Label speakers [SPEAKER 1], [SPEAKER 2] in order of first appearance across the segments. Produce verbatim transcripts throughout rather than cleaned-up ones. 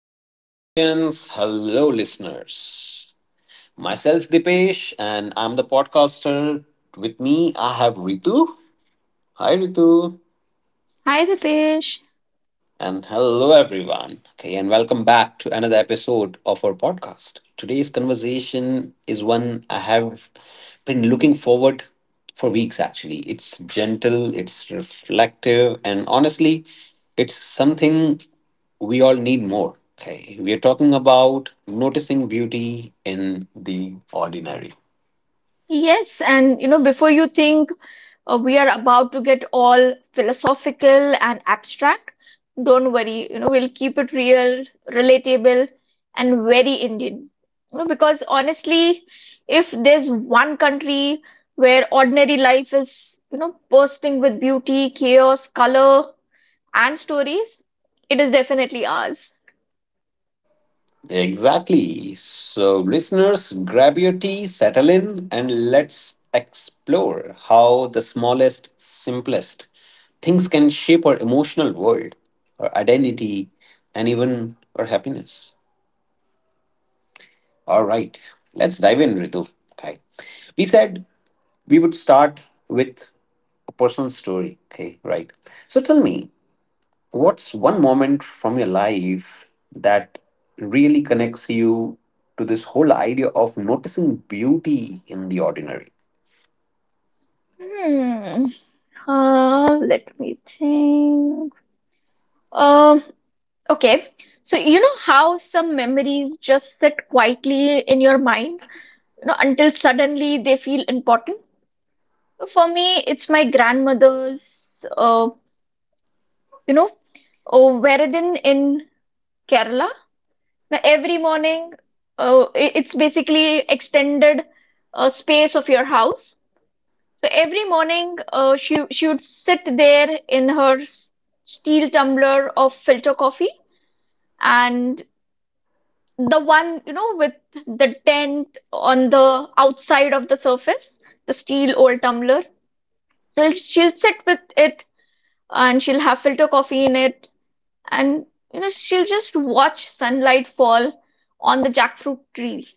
[SPEAKER 1] Hello, audience. Hello, listeners. Myself, Dipesh, and I'm the podcaster. With me, I have Ritu. Hi, Ritu.
[SPEAKER 2] Hi, Ritesh.
[SPEAKER 1] And hello, everyone. Okay, and welcome back to another episode of our podcast. Today's conversation is one I have been looking forward for weeks, actually it's gentle, it's reflective, and honestly, it's something we all need more. Okay, we are talking about noticing beauty in the ordinary.
[SPEAKER 2] Yes, and you know, before you think uh, we are about to get all philosophical and abstract, don't worry, you know, we'll keep it real, relatable, and very Indian. You know, because honestly, if there's one country where ordinary life is, you know, bursting with beauty, chaos, color, and stories, it is definitely ours.
[SPEAKER 1] Exactly. So, listeners, grab your tea, settle in, and let's explore how the smallest, simplest things can shape our emotional world, our identity, and even our happiness. All right, let's dive in, Ritu. Okay. We said we would start with a personal story. Okay, right. So, tell me, what's one moment from your life that really connects you to this whole idea of noticing beauty in the ordinary?
[SPEAKER 2] Hmm. Uh, let me think. Um, Okay, so you know how some memories just sit quietly in your mind, you know, until suddenly they feel important. For me, it's my grandmother's, uh, you know, oh, Veradin in Kerala. Now, every morning, uh, i- it's basically extended uh, space of your house. So every morning, uh, she she would sit there in her s- steel tumbler of filter coffee and the one, you know, with the tent on the outside of the surface, the steel old tumbler. She'll, she'll sit with it and she'll have filter coffee in it. And, you know, she'll just watch sunlight fall on the jackfruit tree.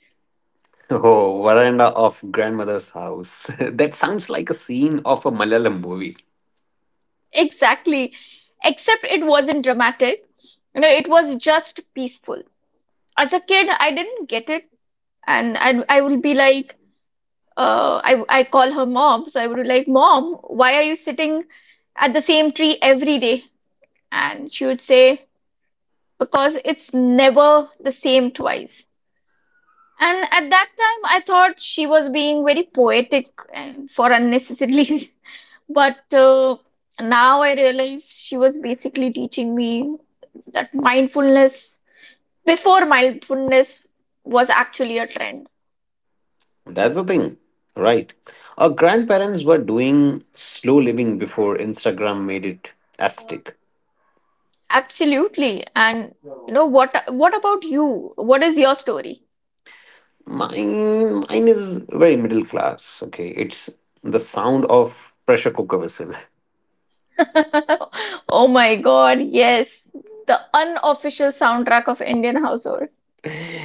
[SPEAKER 1] Oh, veranda of grandmother's house. That sounds like a scene of a Malayalam movie.
[SPEAKER 2] Exactly. Except it wasn't dramatic. You know, it was just peaceful. As a kid, I didn't get it. And I, I would be like, uh, I I call her mom, so I would be like, "Mom, why are you sitting at the same tree every day?" And she would say, "Because it's never the same twice." And at that time, I thought she was being very poetic and for unnecessarily, but uh, now I realize she was basically teaching me that mindfulness before mindfulness was actually a trend.
[SPEAKER 1] That's the thing, right? Our grandparents were doing slow living before Instagram made it aesthetic.
[SPEAKER 2] Absolutely. And you know what what about you? What is your story?
[SPEAKER 1] Mine, mine is very middle class. Okay, it's the sound of pressure cooker whistle.
[SPEAKER 2] Oh my God, yes. The unofficial soundtrack of Indian household.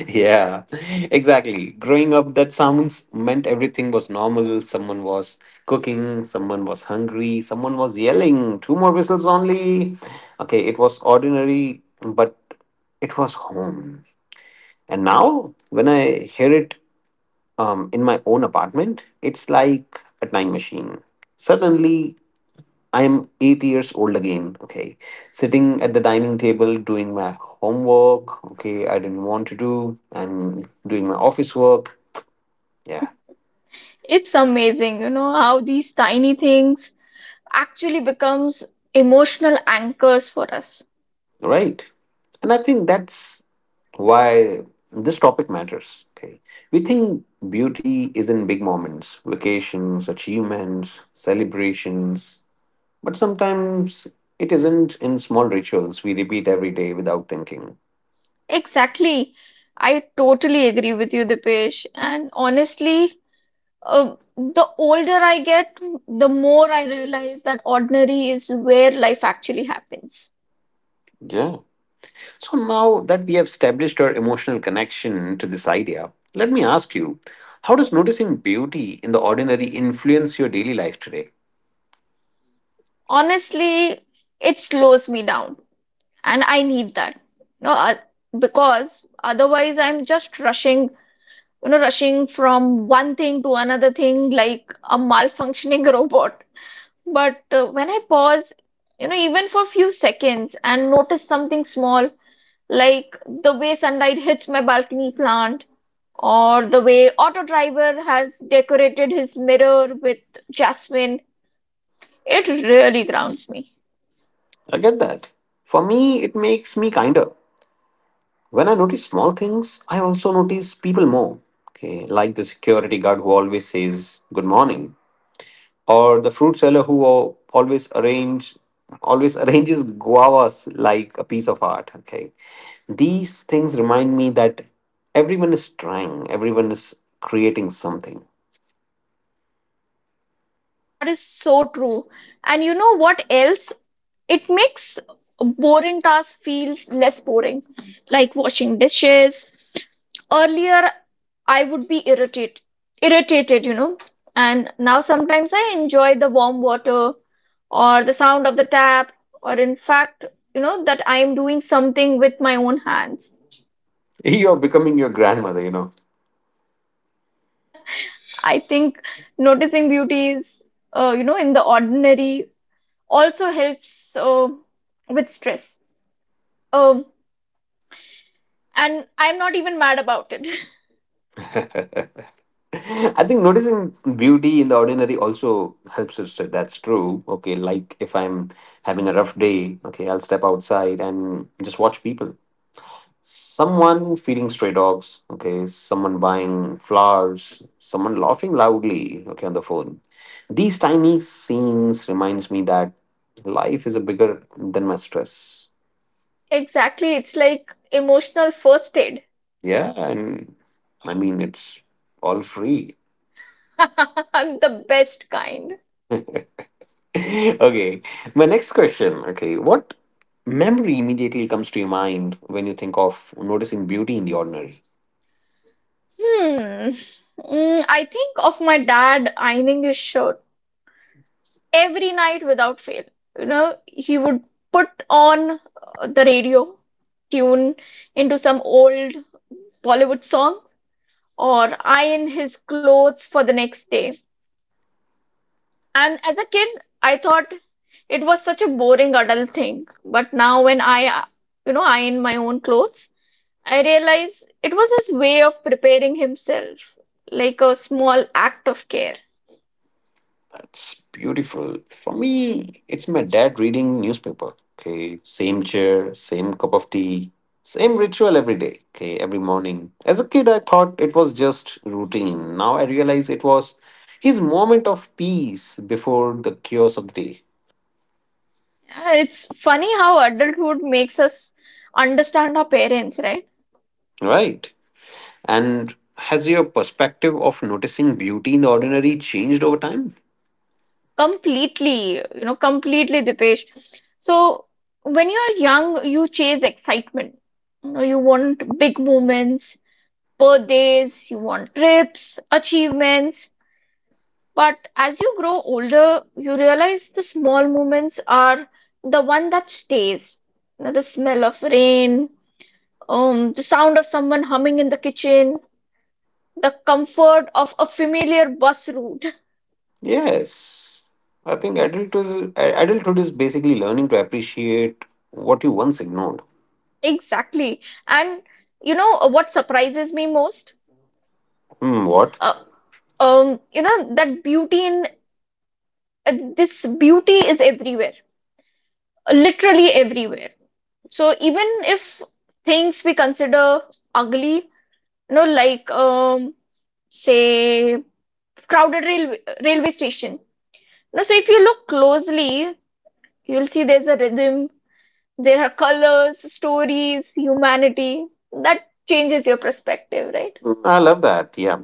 [SPEAKER 1] Yeah, exactly. Growing up, that sounds meant everything was normal. Someone was cooking, someone was hungry, someone was yelling, two more whistles only. Okay, it was ordinary, but it was home. And now, when I hear it um, in my own apartment, it's like a time machine. Suddenly, I'm eight years old again. Okay. Sitting at the dining table doing my homework. Okay. I didn't want to do and doing my office work. Yeah.
[SPEAKER 2] It's amazing, you know, how these tiny things actually becomes emotional anchors for us.
[SPEAKER 1] Right. And I think that's why this topic matters. Okay. We think beauty is in big moments, vacations, achievements, celebrations. But sometimes it isn't in small rituals we repeat every day without thinking.
[SPEAKER 2] Exactly. I totally agree with you, Dipesh. And honestly, uh, the older I get, the more I realize that ordinary is where life actually happens.
[SPEAKER 1] Yeah. So now that we have established our emotional connection to this idea, let me ask you, how does noticing beauty in the ordinary influence your daily life today?
[SPEAKER 2] Honestly, it slows me down. and I need that. No, uh, because otherwise I'm just rushing, you know, rushing from one thing to another thing like a malfunctioning robot. But uh, when I pause, you know, even for few seconds and notice something small, like the way sunlight hits my balcony plant, or the way auto driver has decorated his mirror with jasmine, it really grounds me.
[SPEAKER 1] I get that. For me, it makes me kinder. When I notice small things, I also notice people more. Okay, like the security guard who always says good morning, or the fruit seller who al- always arrange always arranges guavas like a piece of art. Okay, these things remind me that everyone is trying, everyone is creating something.
[SPEAKER 2] That is so true. And you know what else? It makes boring tasks feel less boring, like washing dishes. Earlier, I would be irritated, irritated, you know, and now sometimes I enjoy the warm water or the sound of the tap, or in fact, you know, that I am doing something with my own hands.
[SPEAKER 1] You're becoming your grandmother, you know.
[SPEAKER 2] I think noticing beauty is, uh, you know, in the ordinary also helps uh, with stress. Um, and I'm not even mad about it.
[SPEAKER 1] I think noticing beauty in the ordinary also helps us. Say that's true. Okay, like if I'm having a rough day, okay, I'll step outside and just watch people, someone feeding stray dogs, okay, someone buying flowers, someone laughing loudly, okay, on the phone. These tiny scenes reminds me that life is a bigger than my stress.
[SPEAKER 2] Exactly, it's like emotional first aid.
[SPEAKER 1] Yeah, and I mean it's all free.
[SPEAKER 2] The best kind.
[SPEAKER 1] Okay, my next question, okay, what memory immediately comes to your mind when you think of noticing beauty in the ordinary?
[SPEAKER 2] Hmm. Mm, I think of my dad ironing his shirt every night without fail. You know, he would put on uh, the radio, tune into some old Bollywood song, or iron his clothes for the next day. And as a kid, I thought it was such a boring adult thing. But now, when I, uh, you know, iron my own clothes, I realize it was his way of preparing himself, like a small act of care.
[SPEAKER 1] That's beautiful. For me, it's my dad reading newspaper. Okay, same chair, same cup of tea, same ritual every day. Okay, every morning. As a kid, I thought it was just routine. Now I realize it was his moment of peace before the chaos of the day.
[SPEAKER 2] Yeah, It's funny how adulthood makes us understand our parents, right?
[SPEAKER 1] Right. And has your perspective of noticing beauty in the ordinary changed over time?
[SPEAKER 2] Completely, you know, completely, Dipesh. So when you are young, you chase excitement. You know, you want big moments, birthdays, you want trips, achievements. But as you grow older, you realize the small moments are the one that stays. You know, The smell of rain, um, the sound of someone humming in the kitchen, the comfort of a familiar bus route.
[SPEAKER 1] Yes. I think adulthood is, adulthood is basically learning to appreciate what you once ignored.
[SPEAKER 2] Exactly. And you know uh, what surprises me most?
[SPEAKER 1] Hmm, what?
[SPEAKER 2] Uh, um, you know that beauty in uh, this beauty is everywhere, literally everywhere. So even if things we consider ugly. No, like um, say crowded rail railway station. No, so if you look closely, you'll see there's a rhythm, there are colors, stories, humanity. That changes your perspective, right?
[SPEAKER 1] Hmm, I love that. Yeah.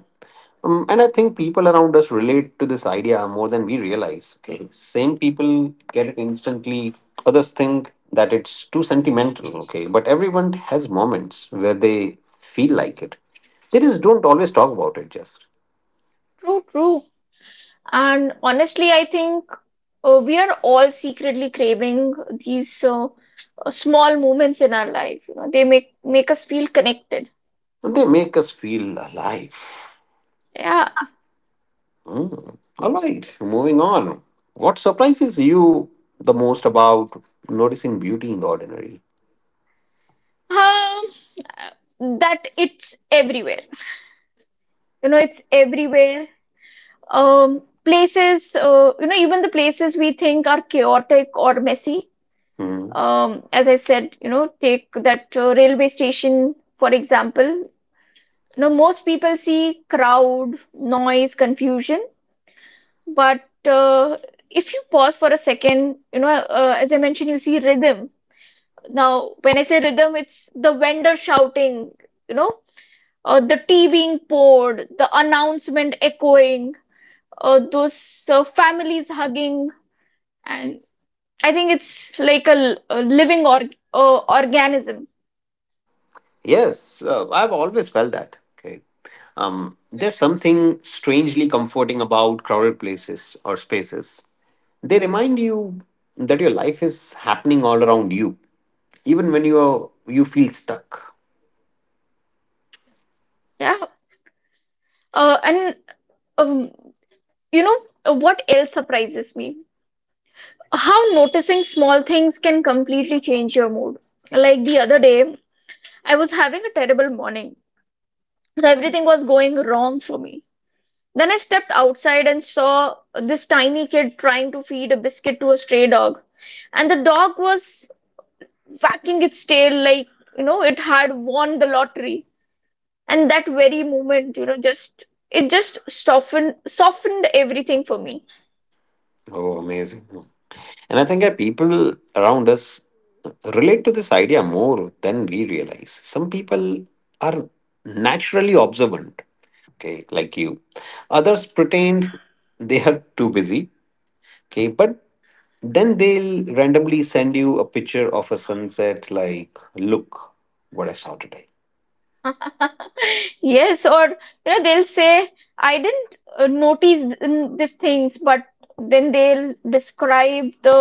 [SPEAKER 1] Um, and I think people around us relate to this idea more than we realize. Okay. Same people get it instantly. Others think that it's too sentimental. Okay. But everyone has moments where they feel like it. They just don't always talk about it, just.
[SPEAKER 2] True, true. And honestly, I think uh, we are all secretly craving these uh, uh, small moments in our life. You know, they make make us feel connected.
[SPEAKER 1] And they make us feel alive.
[SPEAKER 2] Yeah.
[SPEAKER 1] Hmm. All right. Moving on. What surprises you the most about noticing beauty in the ordinary?
[SPEAKER 2] Um, that it's everywhere. You know, it's everywhere. Um, places, uh, you know, even the places we think are chaotic or messy.
[SPEAKER 1] Hmm.
[SPEAKER 2] Um, as I said, you know, take that uh, railway station, for example. You know, most people see crowd, noise, confusion, but uh, if you pause for a second, you know, uh, as I mentioned, you see rhythm. Now, when I say rhythm, it's the vendor shouting, you know, uh, the tea being poured, the announcement echoing, uh, those uh, families hugging, and I think it's like a, l- a living or uh, organism.
[SPEAKER 1] Yes, uh, I've always felt that. Okay. Um, there's something strangely comforting about crowded places or spaces. They remind you that your life is happening all around you, even when you are, you feel stuck.
[SPEAKER 2] Yeah, uh, and um, you know uh, what else surprises me? How noticing small things can completely change your mood. Like the other day, I was having a terrible morning, so everything was going wrong for me. Then I stepped outside and saw this tiny kid trying to feed a biscuit to a stray dog, and the dog was wagging its tail like, you know, it had won the lottery. And that very moment, you know, just it just softened softened everything for me.
[SPEAKER 1] Oh, amazing. And I think that people around us relate to this idea more than we realize. Some people are naturally observant, okay, like you. Others pretend they are too busy, okay, but then they'll randomly send you a picture of a sunset, like, look what I saw today.
[SPEAKER 2] Yes, or you know they'll say i didn't uh, notice th- n- these things, but then they'll describe the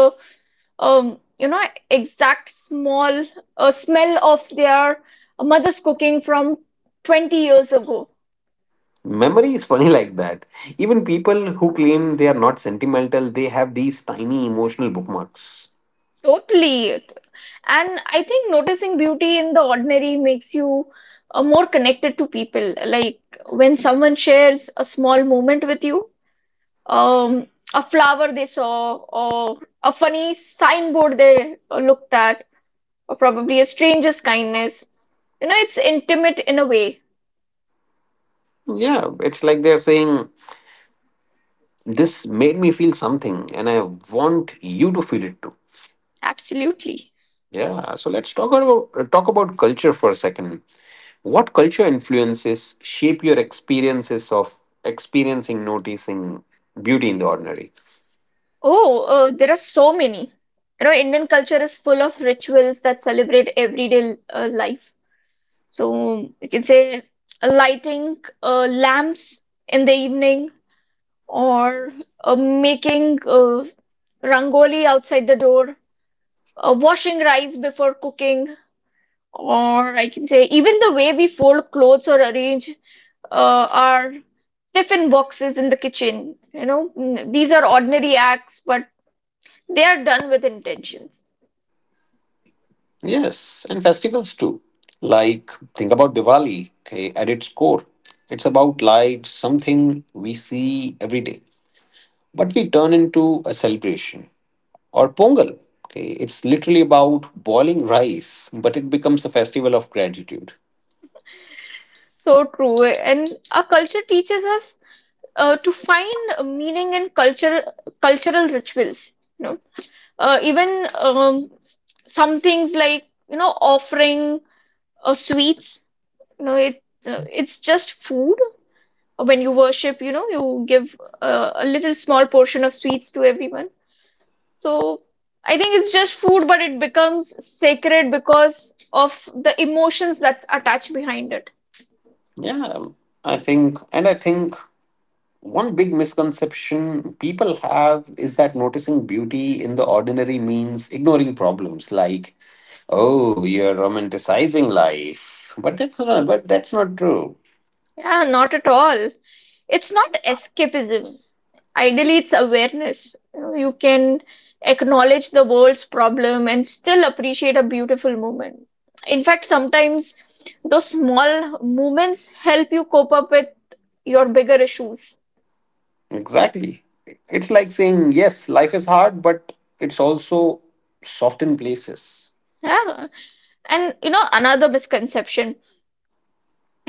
[SPEAKER 2] um you know exact small uh, smell of their mother's cooking from twenty years ago.
[SPEAKER 1] Memory is funny like that. Even people who claim they are not sentimental, they have these tiny emotional bookmarks.
[SPEAKER 2] Totally. And I think noticing beauty in the ordinary makes you uh, more connected to people. Like when someone shares a small moment with you, um, a flower they saw, or a funny signboard they uh, looked at, or probably a stranger's kindness. You know, it's intimate in a way.
[SPEAKER 1] Yeah, it's like they're saying, this made me feel something, and I want you to feel it too.
[SPEAKER 2] Absolutely.
[SPEAKER 1] Yeah, so let's talk about uh, talk about culture for a second. What culture influences shape your experiences of experiencing, noticing beauty in the ordinary?
[SPEAKER 2] Oh, uh, there are so many. You know, Indian culture is full of rituals that celebrate everyday uh, life. So we can say uh, lighting uh, lamps in the evening, or uh, making uh, rangoli outside the door, uh, washing rice before cooking, or I can say even the way we fold clothes or arrange uh, our tiffin boxes in the kitchen. You know, mm, these are ordinary acts, but they are done with intentions.
[SPEAKER 1] Yes, and festivals too. Like, think about Diwali, okay, at its core. It's about light, something we see every day, but we turn into a celebration. Or Pongal, okay, it's literally about boiling rice, but it becomes a festival of gratitude.
[SPEAKER 2] So true. And our culture teaches us uh, to find meaning in culture cultural rituals, you know, uh, even um, some things like, you know, offering uh, sweets. You know, it uh, it's just food. When you worship, you know, you give uh, a little small portion of sweets to everyone. So i think it's just food, but it becomes sacred because of the emotions that's attached behind it.
[SPEAKER 1] Yeah, I think, and I think one big misconception people have is that noticing beauty in the ordinary means ignoring problems like, oh, you're romanticizing life. But that's not but that's not true.
[SPEAKER 2] Yeah, not at all. It's not escapism. Ideally, it's awareness. You know, you can acknowledge the world's problem and still appreciate a beautiful moment. In fact, sometimes those small moments help you cope up with your bigger issues.
[SPEAKER 1] Exactly. It's like saying, yes, life is hard, but it's also soft in places.
[SPEAKER 2] Yeah. And you know, another misconception,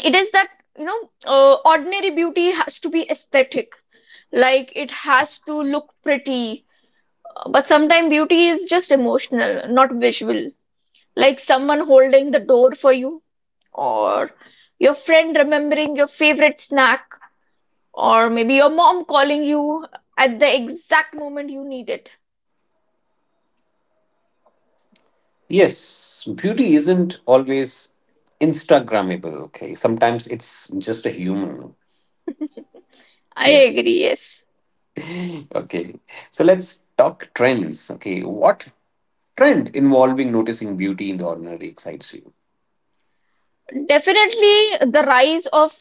[SPEAKER 2] it is that, you know, uh, ordinary beauty has to be aesthetic. Like it has to look pretty. But sometimes beauty is just emotional, not visual. Like someone holding the door for you, or your friend remembering your favorite snack, or maybe your mom calling you at the exact moment you need it.
[SPEAKER 1] Yes, beauty isn't always Instagrammable, okay? Sometimes it's just a human.
[SPEAKER 2] I
[SPEAKER 1] Yeah.
[SPEAKER 2] agree, yes.
[SPEAKER 1] Okay. So let's talk trends. Okay. What trend involving noticing beauty in the ordinary excites you?
[SPEAKER 2] Definitely the rise of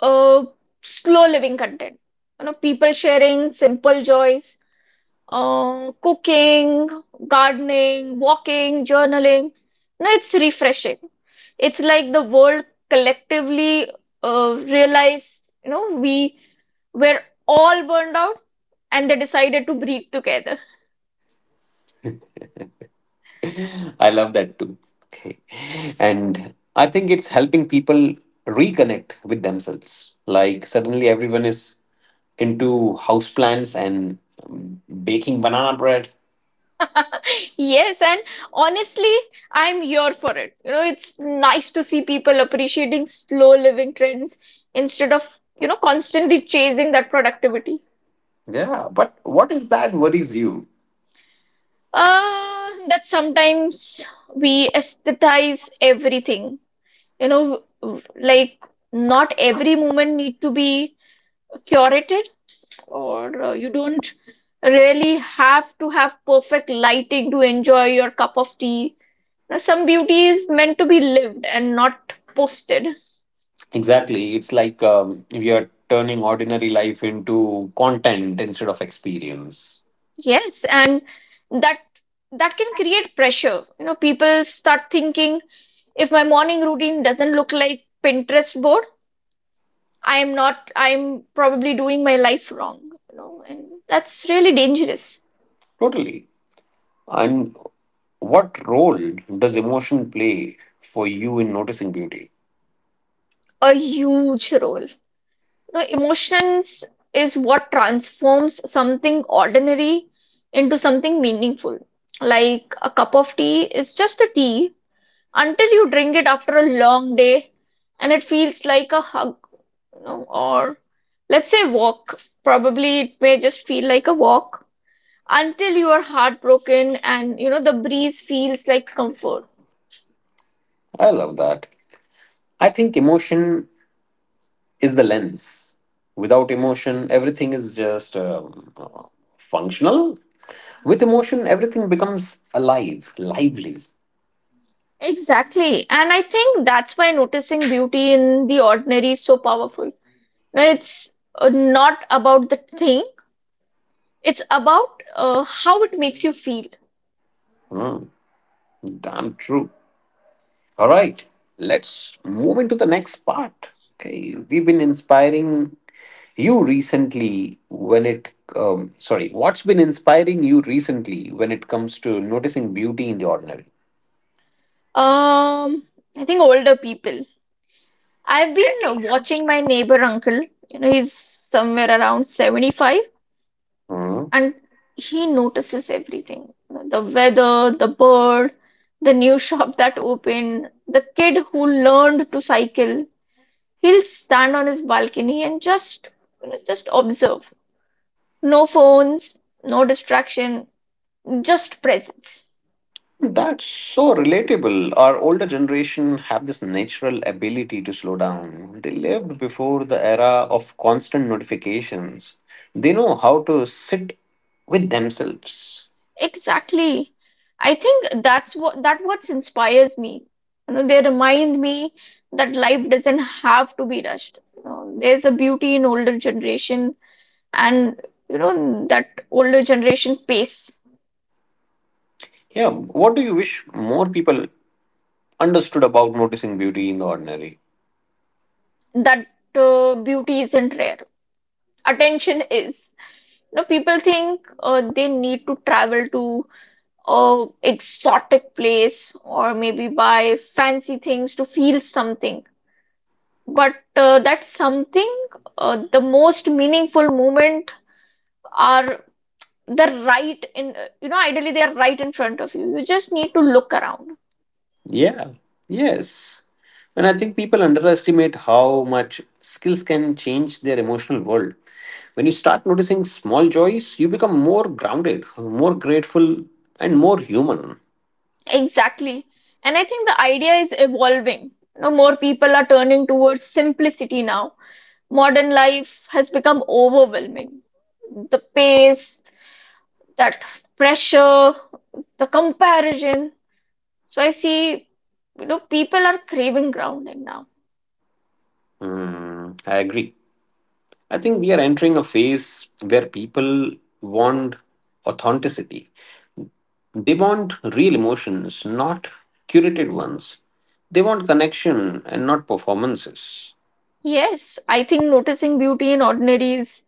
[SPEAKER 2] uh, slow living content. You know, people sharing simple joys, Uh, cooking, gardening, walking, journaling. No, it's refreshing. It's like the world collectively uh, realized, you know, we were all burned out and they decided to breathe together.
[SPEAKER 1] I love that too. Okay. And I think it's helping people reconnect with themselves. Like suddenly everyone is into houseplants and um, baking banana bread.
[SPEAKER 2] Yes, and honestly, I'm here for it. You know, it's nice to see people appreciating slow living trends instead of, you know, constantly chasing that productivity.
[SPEAKER 1] Yeah, but what is that worries you?
[SPEAKER 2] Uh, that sometimes we aesthetize everything. You know, w- like not every moment need to be curated, or uh, you don't really have to have perfect lighting to enjoy your cup of tea. Now, some beauty is meant to be lived and not posted.
[SPEAKER 1] Exactly. It's like um, we are turning ordinary life into content instead of experience.
[SPEAKER 2] Yes, and that that can create pressure. You know, people start thinking if my morning routine doesn't look like Pinterest board, I'm not, I'm probably doing my life wrong, you know, and that's really dangerous.
[SPEAKER 1] Totally. And what role does emotion play for you in noticing beauty?
[SPEAKER 2] A huge role. You know, emotions is what transforms something ordinary into something meaningful. Like a cup of tea is just a tea until you drink it after a long day and it feels like a hug, you know, or let's say walk. Probably it may just feel like a walk until you are heartbroken and you know the breeze feels like comfort.
[SPEAKER 1] I love that. I think emotion is the lens. Without emotion, everything is just um, uh, functional. With emotion, everything becomes alive, lively.
[SPEAKER 2] Exactly. And I think that's why noticing beauty in the ordinary is so powerful. It's uh, not about the thing, it's about uh, how it makes you feel.
[SPEAKER 1] Hmm, damn true. All right, let's move into the next part. Okay, we've been inspiring you recently when it, um, sorry, what's been inspiring you recently when it comes to noticing beauty in the ordinary?
[SPEAKER 2] Um, I think older people. I've been uh, watching my neighbor uncle, you know, he's somewhere around seventy-five,
[SPEAKER 1] Hmm?
[SPEAKER 2] and he notices everything: the weather, the bird, the new shop that opened, the kid who learned to cycle. He'll stand on his balcony and just, you know, just observe. No phones, no distraction, just presence.
[SPEAKER 1] That's so relatable. Our older generation have this natural ability to slow down. They lived before the era of constant notifications. They know how to sit with themselves.
[SPEAKER 2] Exactly. I think that's what that what inspires me. You know, they remind me that life doesn't have to be rushed. You know, there's a beauty in older generation, and you know, that older generation pace,
[SPEAKER 1] Yeah, what do you wish more people understood about noticing beauty in the ordinary?
[SPEAKER 2] that uh, beauty isn't rare, attention is. You know, people think uh, they need to travel to a exotic place or maybe buy fancy things to feel something, but uh, that something uh, the most meaningful moment are the right in you know, ideally they are right in front of you, you just need to look around.
[SPEAKER 1] Yeah, yes. And I think people underestimate how much skills can change their emotional world. When you start noticing small joys, you become more grounded, more grateful, and more human.
[SPEAKER 2] Exactly. And I think the idea is evolving. You know, more people are turning towards simplicity now. Modern life has become overwhelming. The pace, that pressure, the comparison. So I see, you know, people are craving grounding now.
[SPEAKER 1] Hmm, I agree. I think we are entering a phase where people want authenticity. They want real emotions, not curated ones. They want connection and not performances.
[SPEAKER 2] Yes, I think noticing beauty in ordinary is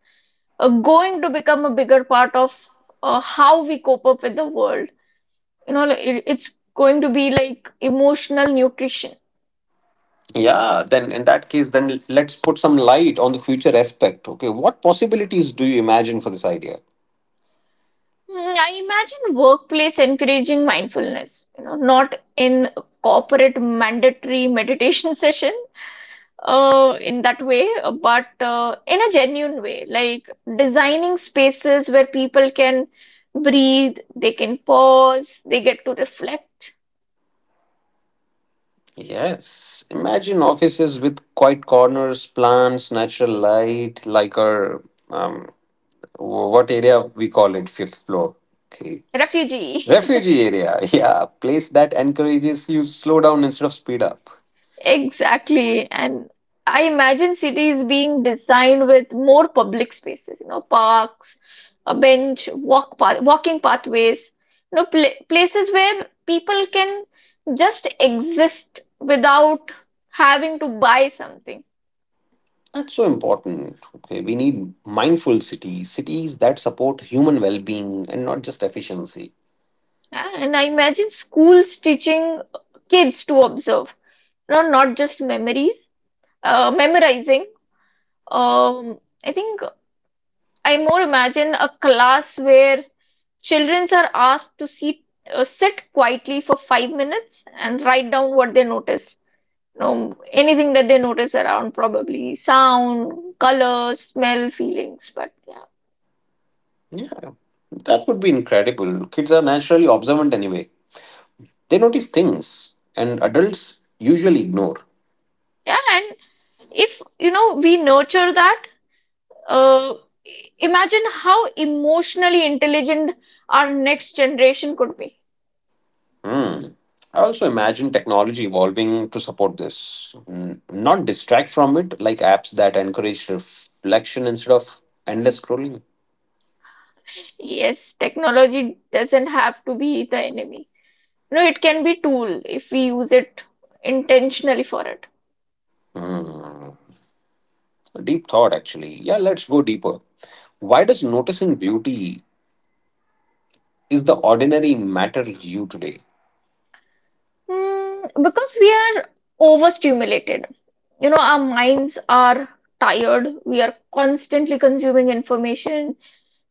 [SPEAKER 2] uh, going to become a bigger part of uh, how we cope up with the world. You know, like, it- it's going to be like emotional nutrition.
[SPEAKER 1] Yeah, then in that case, then let's put some light on the future aspect. Okay, what possibilities do you imagine for this idea?
[SPEAKER 2] Mm, I imagine workplace encouraging mindfulness, you know, not in corporate mandatory meditation session uh, in that way, uh, but uh, in a genuine way, like designing spaces where people can breathe, they can pause, they get to reflect.
[SPEAKER 1] Yes. Imagine offices with quiet corners, plants, natural light, like our um, wh- what area we call it, fifth floor. Okay.
[SPEAKER 2] Refugee.
[SPEAKER 1] Refugee area. Yeah, place that encourages you slow down instead of speed up.
[SPEAKER 2] Exactly. And I imagine cities being designed with more public spaces, you know, parks, a bench, walk path, walking pathways, you know, pla places where people can just exist without having to buy something.
[SPEAKER 1] That's so important. Okay, we need mindful cities, cities that support human well-being and not just efficiency.
[SPEAKER 2] Yeah, and I imagine schools teaching kids to observe, you know, not just memories, uh, memorizing. Um, I think I more imagine a class where children are asked to sit, uh, sit quietly for five minutes and write down what they notice. You know, anything that they notice around, probably sound, color, smell, feelings. But yeah,
[SPEAKER 1] Yeah, that would be incredible. Kids are naturally observant anyway. They notice things and adults usually ignore.
[SPEAKER 2] yeah. And if you know we nurture that, uh, imagine how emotionally intelligent our next generation could be.
[SPEAKER 1] Hmm. I also imagine technology evolving to support this, N- not distract from it, like apps that encourage reflection instead of endless scrolling.
[SPEAKER 2] Yes, technology doesn't have to be the enemy. No, it can be tool if we use it intentionally for it.
[SPEAKER 1] Hmm. Deep thought, actually. Yeah, let's go deeper. Why does noticing beauty is the ordinary matter you today?
[SPEAKER 2] Mm, because we are overstimulated. You know, our minds are tired. We are constantly consuming information.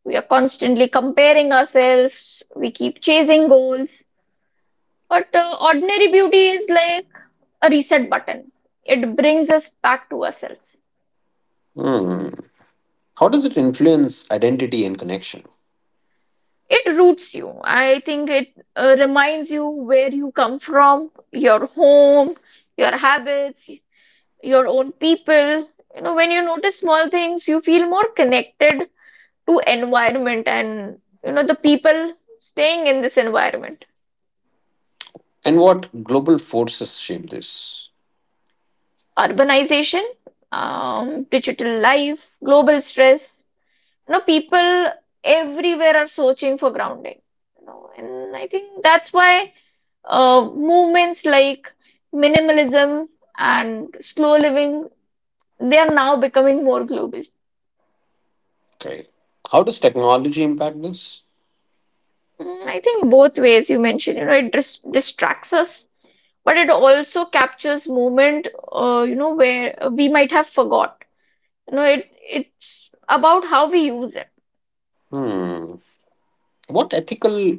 [SPEAKER 2] We are constantly comparing ourselves. We keep chasing goals. But uh, ordinary beauty is like a reset button. It brings us back to ourselves.
[SPEAKER 1] Hmm. How does it influence identity and connection?
[SPEAKER 2] It roots you. I think it uh, reminds you where you come from, your home, your habits, your own people. You know, when you notice small things, you feel more connected to environment, and you know, the people staying in this environment.
[SPEAKER 1] And what global forces shape this?
[SPEAKER 2] Urbanization, um, digital life, global stress. You know, people everywhere are searching for grounding. You know, and I think that's why uh, movements like minimalism and slow living, they are now becoming more global.
[SPEAKER 1] Okay. How does technology impact this?
[SPEAKER 2] Mm, I think both ways you mentioned, you know, it dis distracts us, but it also captures moment, uh, you know, where we might have forgot. You know, it it's about how we use it.
[SPEAKER 1] Hmm. What ethical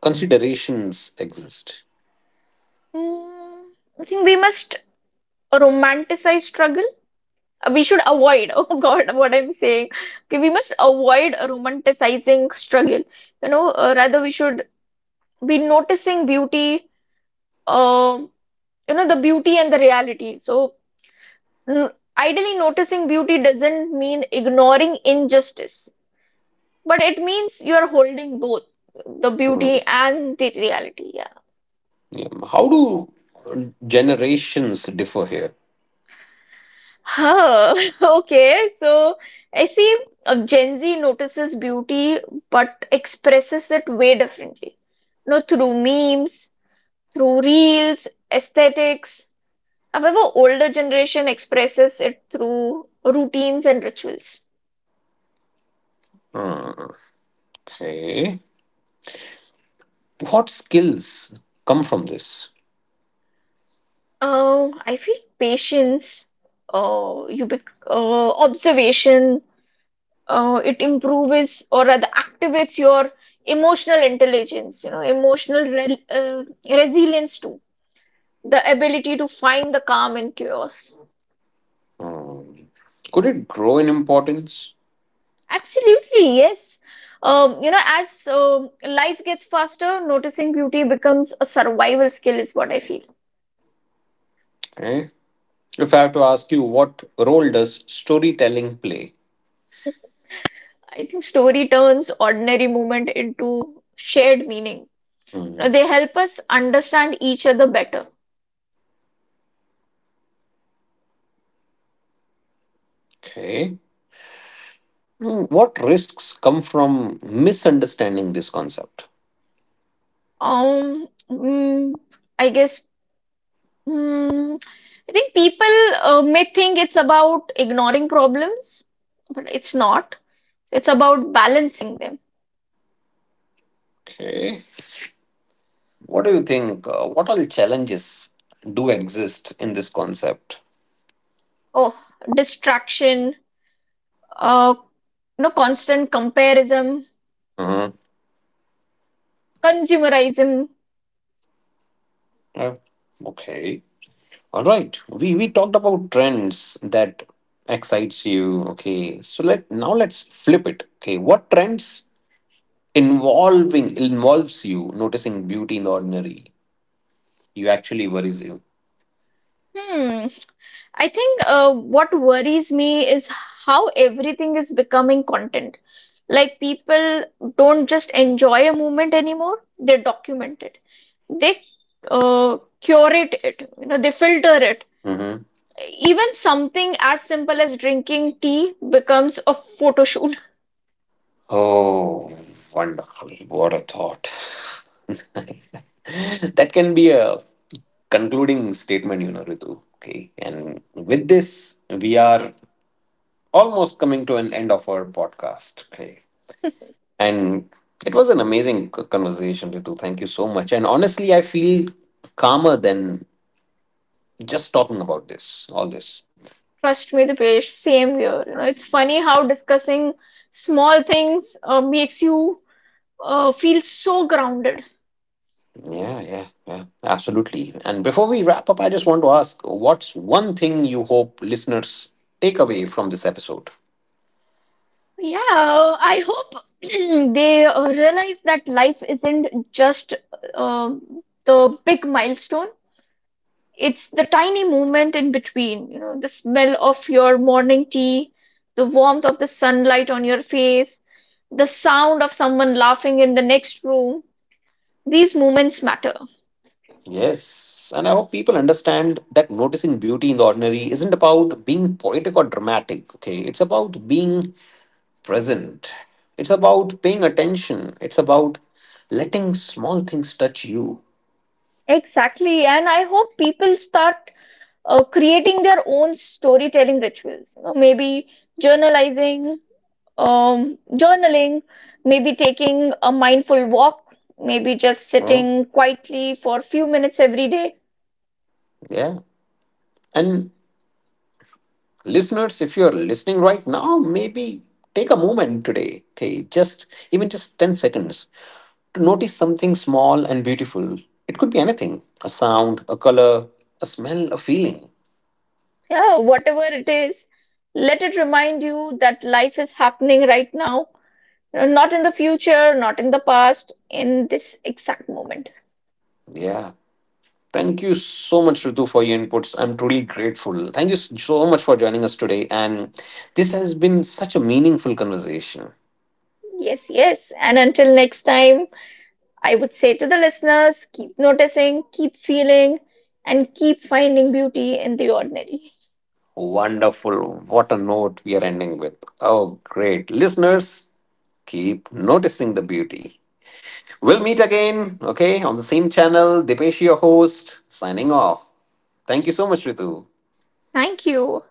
[SPEAKER 1] considerations exist?
[SPEAKER 2] Mm, I think we must romanticize struggle. Uh, We should avoid, oh God, what I'm saying. Okay, we must avoid romanticizing struggle. You know, uh, rather we should be noticing beauty, uh, you know, the beauty and the reality. So Mm, ideally, noticing beauty doesn't mean ignoring injustice, but it means you're holding both the beauty
[SPEAKER 1] Mm.
[SPEAKER 2] and the reality. Yeah.
[SPEAKER 1] Yeah. How do generations differ here?
[SPEAKER 2] Huh. Okay. So I see uh, Gen Z notices beauty but expresses it way differently. No, through memes, through reels, aesthetics. However, older generation expresses it through routines and rituals.
[SPEAKER 1] Mm. Okay. What skills come from this?
[SPEAKER 2] Um, I feel patience, uh, you bec uh, observation, uh, it improves or rather activates your emotional intelligence, you know, emotional re uh, resilience too, the ability to find the calm in chaos.
[SPEAKER 1] Mm. Could it grow in importance?
[SPEAKER 2] Absolutely, yes. Um, you know, as um, life gets faster, noticing beauty becomes a survival skill, is what I feel.
[SPEAKER 1] Okay. If I have to ask you, what role does storytelling play?
[SPEAKER 2] I think story turns ordinary moment into shared meaning. Now,
[SPEAKER 1] Mm.
[SPEAKER 2] they help us understand each other better.
[SPEAKER 1] Okay. Mm, what risks come from misunderstanding this concept?
[SPEAKER 2] um mm, I guess, mm, I think people uh, may think it's about ignoring problems, but it's not, it's about balancing them.
[SPEAKER 1] Okay. What do you think? Uh, what all challenges do exist in this concept?
[SPEAKER 2] Oh, distraction, uh you know, constant comparison,
[SPEAKER 1] Uh-huh.
[SPEAKER 2] consumerism.
[SPEAKER 1] Uh, okay. All right, we we talked about trends that excites you. Okay, so let now let's flip it. Okay, what trends involving involves you noticing beauty in the ordinary? You actually worries you.
[SPEAKER 2] hmm I think uh, what worries me is how everything is becoming content. Like, people don't just enjoy a moment anymore, they document it. They uh, curate it, you know, they filter it.
[SPEAKER 1] Mm-hmm.
[SPEAKER 2] Even something as simple as drinking tea becomes a photo shoot.
[SPEAKER 1] Oh, wonderful! What a thought. That can be a concluding statement, you know, Ritu. Okay, and with this, we are almost coming to an end of our podcast. Okay. And it was an amazing c- conversation, Ritu. Thank you so much. And honestly, I feel calmer than just talking about this, all this.
[SPEAKER 2] Trust me, the page, same here. You know, it's funny how discussing small things uh, makes you uh, feel so grounded.
[SPEAKER 1] Yeah, yeah, yeah, absolutely. And before we wrap up, I just want to ask, what's one thing you hope listeners take away from this episode?
[SPEAKER 2] Yeah, I hope they uh, realize that life isn't just uh, the big milestone. It's the tiny moment in between, you know, the smell of your morning tea, the warmth of the sunlight on your face, the sound of someone laughing in the next room. These moments matter.
[SPEAKER 1] Yes, and I hope people understand that noticing beauty in the ordinary isn't about being poetic or dramatic, okay? It's about being present. It's about paying attention. It's about letting small things touch you.
[SPEAKER 2] Exactly, and I hope people start uh, creating their own storytelling rituals. You know, maybe journalizing, um, journaling, maybe taking a mindful walk, maybe just
[SPEAKER 1] Huh?
[SPEAKER 2] sitting quietly for a few minutes every day.
[SPEAKER 1] Yeah. And listeners, if you're listening right now, maybe take a moment today. Okay. Just even just ten seconds to notice something small and beautiful. It could be anything, a sound, a color, a smell, a feeling.
[SPEAKER 2] Yeah, whatever it is, let it remind you that life is happening right now, uh, not in the future, not in the past, in this exact moment.
[SPEAKER 1] Yeah. Thank you so much, Ritu, for your inputs. I'm truly grateful. Thank you so much for joining us today. And this has been such a meaningful conversation.
[SPEAKER 2] Yes, yes. And until next time, I would say to the listeners: keep noticing, keep feeling, and keep finding beauty in the ordinary.
[SPEAKER 1] Wonderful. What a note we are ending with. Oh, great. Listeners, keep noticing the beauty. We'll meet again, okay, on the same channel. Dipesh, your host, signing off. Thank you so much, Ritu.
[SPEAKER 2] Thank you.